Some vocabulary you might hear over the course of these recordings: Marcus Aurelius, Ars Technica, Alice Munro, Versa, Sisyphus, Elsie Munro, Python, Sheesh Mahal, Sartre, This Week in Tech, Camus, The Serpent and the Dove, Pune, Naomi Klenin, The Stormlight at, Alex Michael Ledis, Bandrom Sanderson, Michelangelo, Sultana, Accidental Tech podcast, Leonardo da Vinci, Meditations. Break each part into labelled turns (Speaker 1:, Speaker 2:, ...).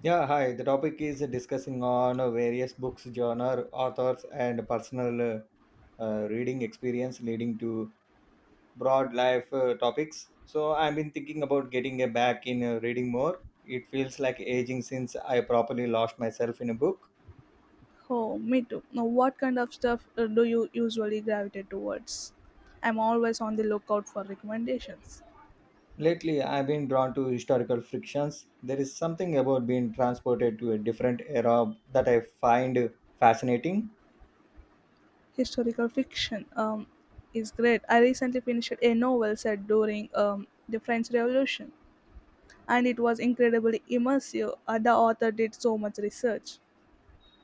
Speaker 1: Yeah, hi. The topic is discussing on various books, genre, authors, and personal reading experience leading to broad life topics. So I've been thinking about getting back in reading more. It feels like aging since I properly lost myself in a book.
Speaker 2: Oh, me too. Now, what kind of stuff do you usually gravitate towards? I'm always on the lookout for recommendations.
Speaker 1: Lately, I've been drawn to historical frictions. There is something about being transported to a different era that I find fascinating.
Speaker 2: Historical fiction is great. I recently finished a novel set during the French Revolution, and it was incredibly immersive. The author did so much research.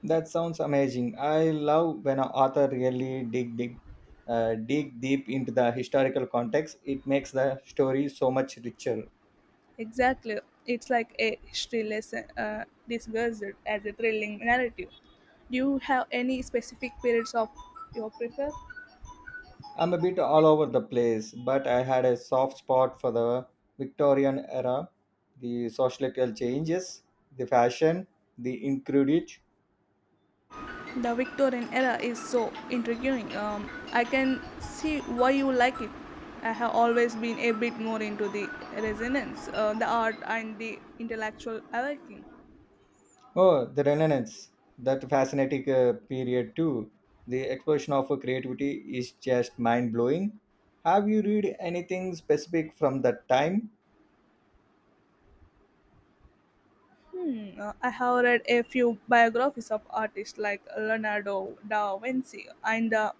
Speaker 1: That sounds amazing. I love when an author really dig deep into the historical context. It makes the story so much richer.
Speaker 2: Exactly. It's like a history lesson disguised as a thrilling narrative. Do you have any specific periods of your prefer?
Speaker 1: I'm a bit all over the place, but I had a soft spot for the Victorian era, the societal changes, the fashion, the incredit.
Speaker 2: The Victorian era is so intriguing. I can see why you like it. I have always been a bit more into the resonance, the art, and the intellectual awakening.
Speaker 1: Oh, the Renaissance. That fascinating period too. The explosion of creativity is just mind blowing. Have you read anything specific from that time?
Speaker 2: I have read a few biographies of artists like Leonardo da Vinci and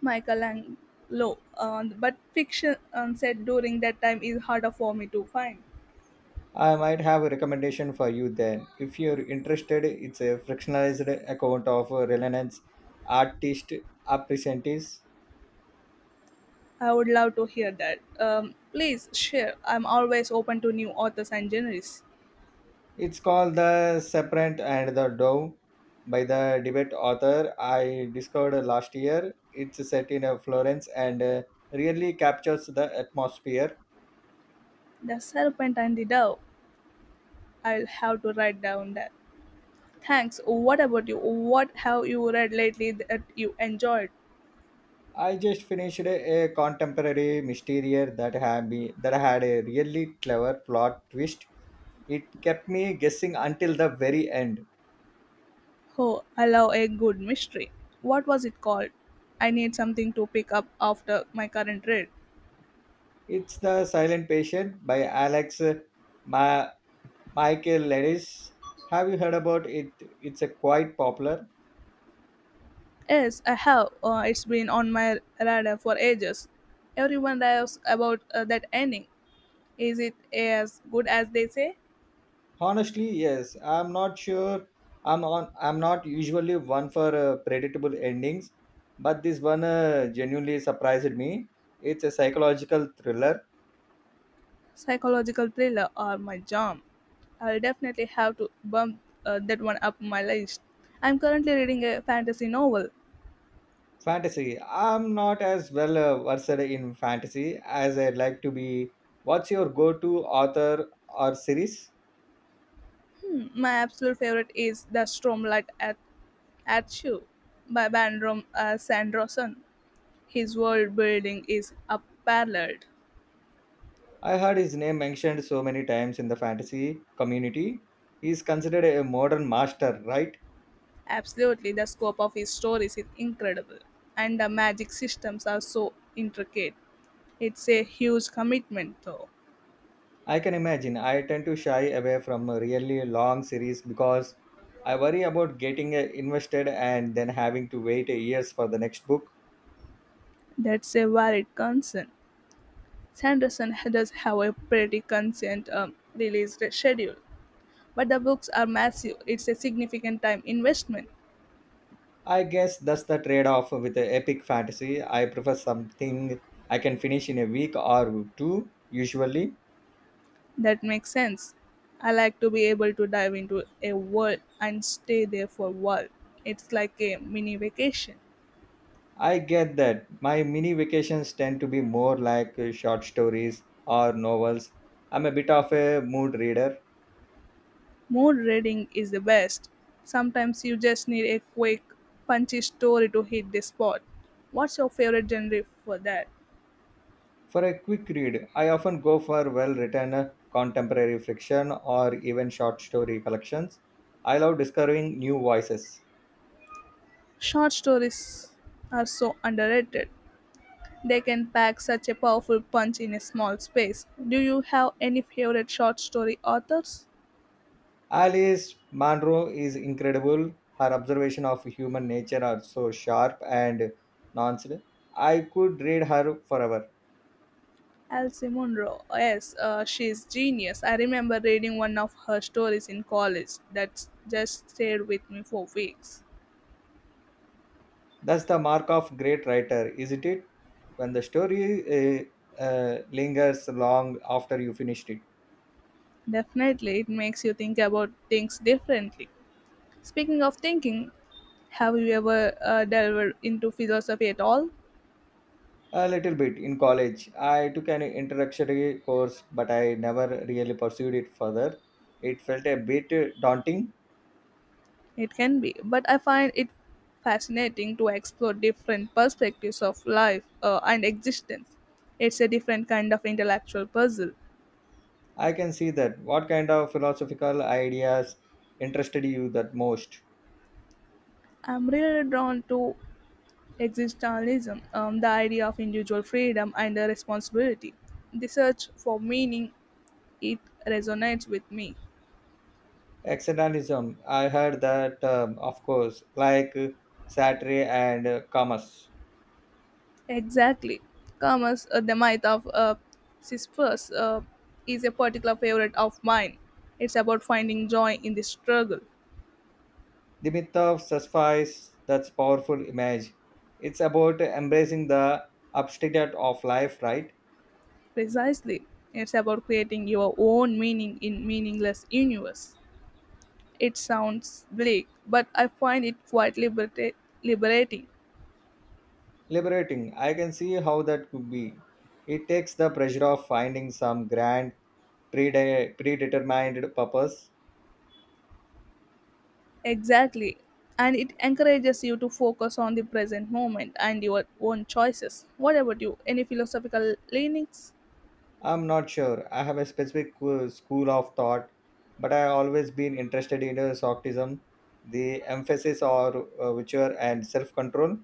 Speaker 2: Michelangelo, but fiction set during that time is harder for me to find.
Speaker 1: I might have a recommendation for you then. If you're interested, it's a fractionalized account of Reliance Artist Apprentice.
Speaker 2: I would love to hear that. Please share. I'm always open to new authors and genres.
Speaker 1: It's called The Separate and the Dove by the debate author I discovered last year. It's set in Florence and really captures the atmosphere.
Speaker 2: The Serpent and the Dove. I'll have to write down that. Thanks. What about you? What have you read lately that you enjoyed?
Speaker 1: I just finished a contemporary mystery that had, that had a really clever plot twist. It kept me guessing until the very end.
Speaker 2: Oh, I love a good mystery. What was it called? I need something to pick up after my current read.
Speaker 1: It's The Silent Patient by Alex Ma- Michael Ledis. Have you heard about it? It's a quite popular.
Speaker 2: Yes, I have. It's been on my radar for ages. Everyone raves about that ending. Is it as good as they say?
Speaker 1: Honestly, yes. I'm not sure. I'm on. I'm not usually one for predictable endings, but this one genuinely surprised me. It's a psychological thriller
Speaker 2: Psychological thriller are my jam. I'll definitely have to bump that one up my list. I'm currently reading a fantasy novel.
Speaker 1: fantasy. I'm not as well versed in fantasy as I'd like to be. What's your go-to author or series?
Speaker 2: My absolute favorite is The Stormlight at You by Bandrom Sanderson. His world building is unparalleled.
Speaker 1: I heard his name mentioned so many times in the fantasy community. He is considered a modern master, right?
Speaker 2: Absolutely, the scope of his stories is incredible, and the magic systems are so intricate. It's a huge commitment, though.
Speaker 1: I can imagine. I tend to shy away from a really long series because I worry about getting invested and then having to wait years for the next book.
Speaker 2: That's a valid concern. Sanderson does have a pretty consistent release schedule, but the books are massive. It's a significant time investment.
Speaker 1: I guess that's the trade off with the epic fantasy. I prefer something I can finish in a week or two, usually.
Speaker 2: That makes sense. I like to be able to dive into a world and stay there for a while. It's like a mini vacation.
Speaker 1: I get that. My mini vacations tend to be more like short stories or novels. I'm a bit of a mood reader.
Speaker 2: More reading is the best. Sometimes you just need a quick, punchy story to hit the spot. What's your favorite genre for that?
Speaker 1: For a quick read, I often go for well written contemporary fiction or even short story collections. I love discovering new voices.
Speaker 2: Short stories are so underrated. They can pack such a powerful punch in a small space. Do you have any favorite short story authors?
Speaker 1: Alice Munro is incredible. Her observation of human nature are so sharp and nuanced. I could read her forever.
Speaker 2: Elsie Munro. Yes, she's genius. I remember reading one of her stories in college that just stayed with me for weeks.
Speaker 1: That's the mark of great writer, isn't it? When the story lingers long after you finished it.
Speaker 2: Definitely, it makes you think about things differently. Speaking of thinking, have you ever delved into philosophy at all?
Speaker 1: A little bit in college. I took an introductory course, but I never really pursued it further. It felt a bit daunting.
Speaker 2: It can be, but I find it fascinating to explore different perspectives of life and existence. It's a different kind of intellectual puzzle.
Speaker 1: I can see that. What kind of philosophical ideas interested you that most?
Speaker 2: I'm really drawn to existentialism, the idea of individual freedom and responsibility. The search for meaning, it resonates with me.
Speaker 1: Existentialism. I heard that, of course, like Sartre and Camus.
Speaker 2: Exactly. Camus, the myth of Sisyphus, is a particular favorite of mine. It's about finding joy in the struggle.
Speaker 1: The myth of sacrifice, that's powerful image. It's about embracing the obstacle of life, right?
Speaker 2: Precisely. It's about creating your own meaning in meaningless universe. It sounds bleak, but I find it quite liberating.
Speaker 1: Liberating. I can see how that could be. It takes the pressure of finding some grand predetermined purpose.
Speaker 2: Exactly. And it encourages you to focus on the present moment and your own choices. What about you? Any philosophical leanings?
Speaker 1: I'm not sure. I have a specific school of thought, but I always been interested in Soctism, the emphasis on virtue and self-control.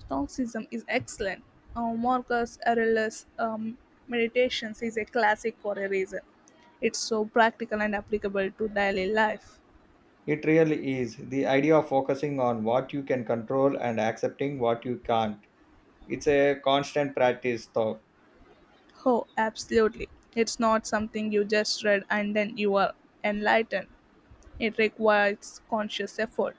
Speaker 2: Stoicism is excellent. Marcus Aurelius' Meditations is a classic for a reason. It's so practical and applicable to daily life.
Speaker 1: It really is. The idea of focusing on what you can control and accepting what you can't. It's a constant practice, though,
Speaker 2: Oh, absolutely. It's not something you just read and then you are enlightened. It requires conscious effort.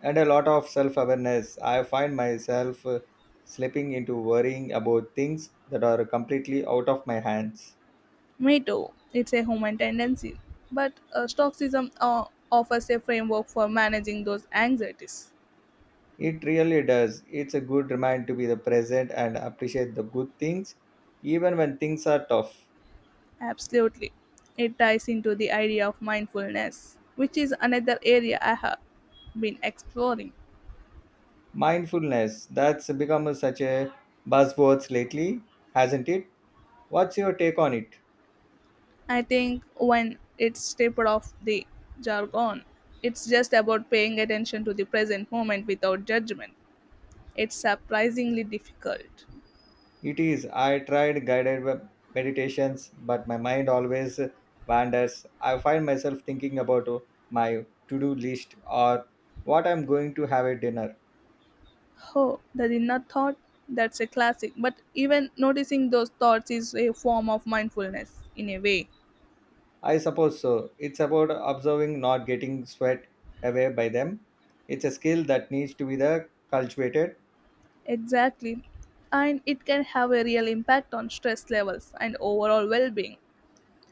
Speaker 1: and a lot of self awareness. I find myself slipping into worrying about things that are completely out of my hands.
Speaker 2: Me too. It's a human tendency. But Stoicism offers a framework for managing those anxieties.
Speaker 1: It really does. It's a good reminder to be the present and appreciate the good things, even when things are tough.
Speaker 2: Absolutely. It ties into the idea of mindfulness, which is another area I have been exploring.
Speaker 1: Mindfulness, that's become such a buzzword lately, hasn't it? What's your take on it?
Speaker 2: I think when it's stripped off the jargon, it's just about paying attention to the present moment without judgment. It's surprisingly difficult.
Speaker 1: It is. I tried meditations, but my mind always wanders. I find myself thinking about my to do list or what I'm going to have at dinner.
Speaker 2: Oh, the dinner thought? That's a classic. But even noticing those thoughts is a form of mindfulness, in a way.
Speaker 1: I suppose so. It's about observing, not getting swept away by them. It's a skill that needs to be the cultivated.
Speaker 2: Exactly. And it can have a real impact on stress levels and overall well being.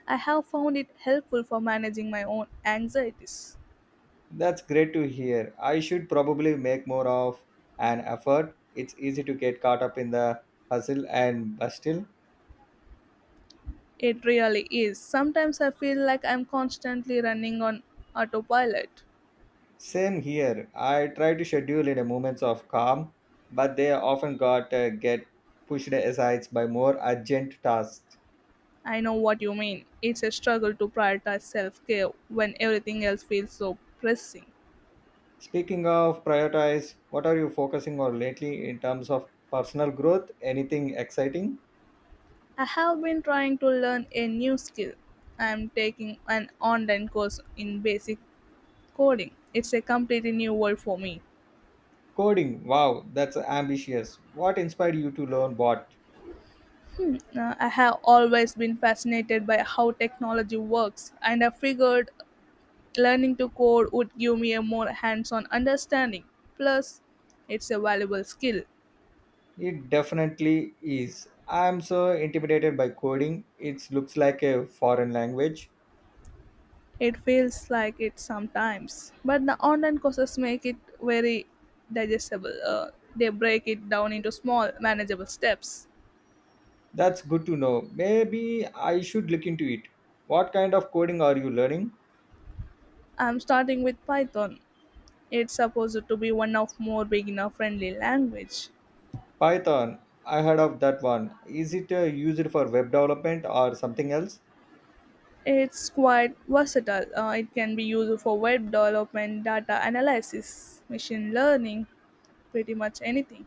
Speaker 2: I have found it helpful for managing my own anxieties.
Speaker 1: That's great to hear. I should probably make more of an effort. It's easy to get caught up in the hustle and bustle.
Speaker 2: It really is. Sometimes I feel like I'm constantly running on autopilot.
Speaker 1: Same here. I try to schedule in a moments of calm, but they often got get pushed aside by more urgent tasks.
Speaker 2: I know what you mean. It's a struggle to prioritize self care when everything else feels so pressing.
Speaker 1: Speaking of prioritize, what are you focusing on lately in terms of personal growth? Anything exciting?
Speaker 2: I have been trying to learn a new skill. I am taking an online course in basic coding. It's a completely new world for me.
Speaker 1: Coding. Wow, that's ambitious. What inspired you to learn what?
Speaker 2: I have always been fascinated by how technology works, and I figured learning to code would give me a more hands on understanding. Plus, it's a valuable skill.
Speaker 1: It definitely is. I'm so intimidated by coding. It looks like a foreign language.
Speaker 2: It feels like it sometimes, but the online courses make it very digestible. They break it down into small, manageable steps.
Speaker 1: That's good to know. Maybe I should look into it. What kind of coding are you learning?
Speaker 2: I'm starting with Python. It's supposed to be one of more beginner-friendly language.
Speaker 1: Python. I heard of that one. Is it used for web development or something else?
Speaker 2: It's quite versatile. It can be used for web development, data analysis, machine learning, pretty much anything.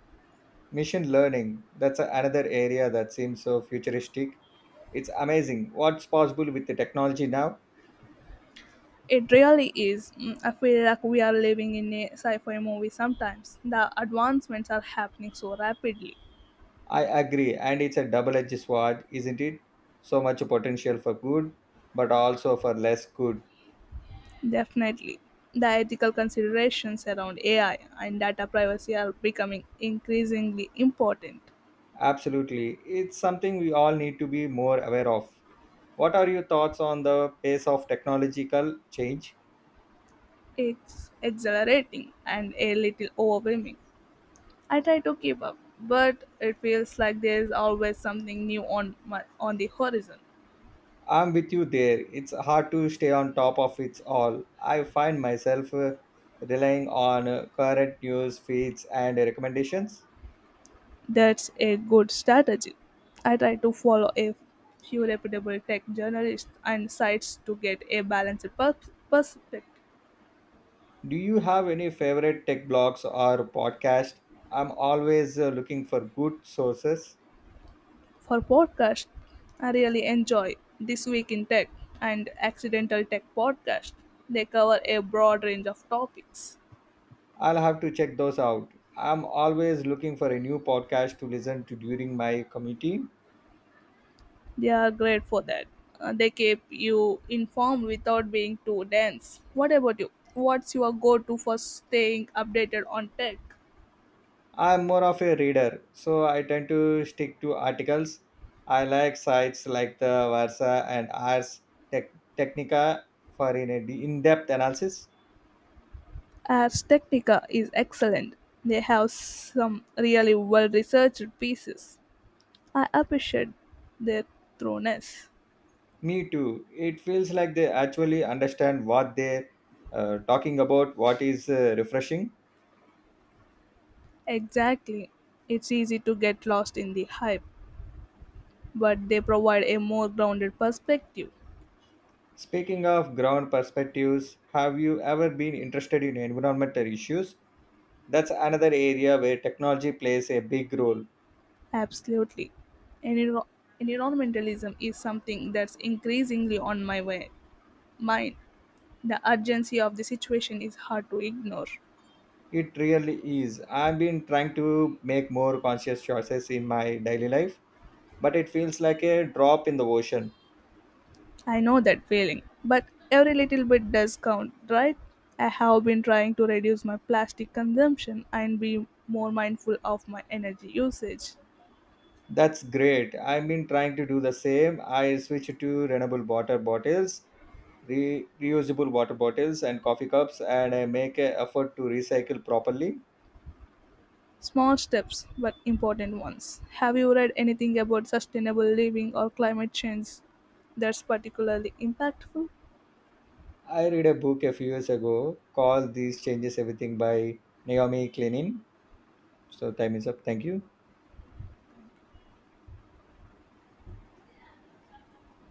Speaker 1: Machine learning. That's another area that seems so futuristic. It's amazing what's possible with the technology now.
Speaker 2: It really is. I feel like we are living in a sci fi movie sometimes. The advancements are happening so rapidly.
Speaker 1: I agree, and it's a double edged sword, isn't it? So much potential for good, but also for less good.
Speaker 2: Definitely. The ethical considerations around AI and data privacy are becoming increasingly important.
Speaker 1: Absolutely. It's something we all need to be more aware of. What are your thoughts on the pace of technological change?
Speaker 2: It's exhilarating and a little overwhelming. I try to keep up, but it feels like there is always something new on the horizon.
Speaker 1: I'm with you there. It's hard to stay on top of it all. I find myself relying on current news feeds and recommendations.
Speaker 2: That's a good strategy. I try to follow a few reputable tech journalists and sites to get a balanced perspective.
Speaker 1: Do you have any favorite tech blogs or podcast? I'm always looking for good sources.
Speaker 2: For podcast, I really enjoy This Week in Tech and Accidental Tech podcast. They cover a broad range of topics.
Speaker 1: I'll have to check those out. I'm always looking for a new podcast to listen to during my commuting.
Speaker 2: They are great for that. They keep you informed without being too dense. What about you? What's your go to for staying updated on tech?
Speaker 1: I'm more of a reader, so I tend to stick to articles. I like sites like the Versa and Technica for in-depth analysis.
Speaker 2: Ars Technica is excellent. They have some really well researched pieces. I appreciate their thoroughness.
Speaker 1: Me too. It feels like they actually understand what they're talking about. What is refreshing.
Speaker 2: Exactly. It's easy to get lost in the hype, but they provide a more grounded perspective.
Speaker 1: Speaking of ground perspectives, have you ever been interested in environmental issues? That's another area where technology plays a big role.
Speaker 2: Absolutely. Enviro- Environmentalism is something that's increasingly on my way. Mind. The urgency of the situation is hard to ignore.
Speaker 1: It really is. I've been trying to make more conscious choices in my daily life, but it feels like a drop in the ocean.
Speaker 2: I know that feeling, but every little bit does count, right? I have been trying to reduce my plastic consumption and be more mindful of my energy usage.
Speaker 1: That's great. I've been trying to do the same. I switched to renewable water bottles, re- reusable water bottles, and coffee cups, and I make an effort to recycle properly.
Speaker 2: Small steps, but important ones. Have you read anything about sustainable living or climate change that's particularly impactful?
Speaker 1: I read a book a few years ago called These Changes Everything by Naomi Klenin. So, time is up. Thank you.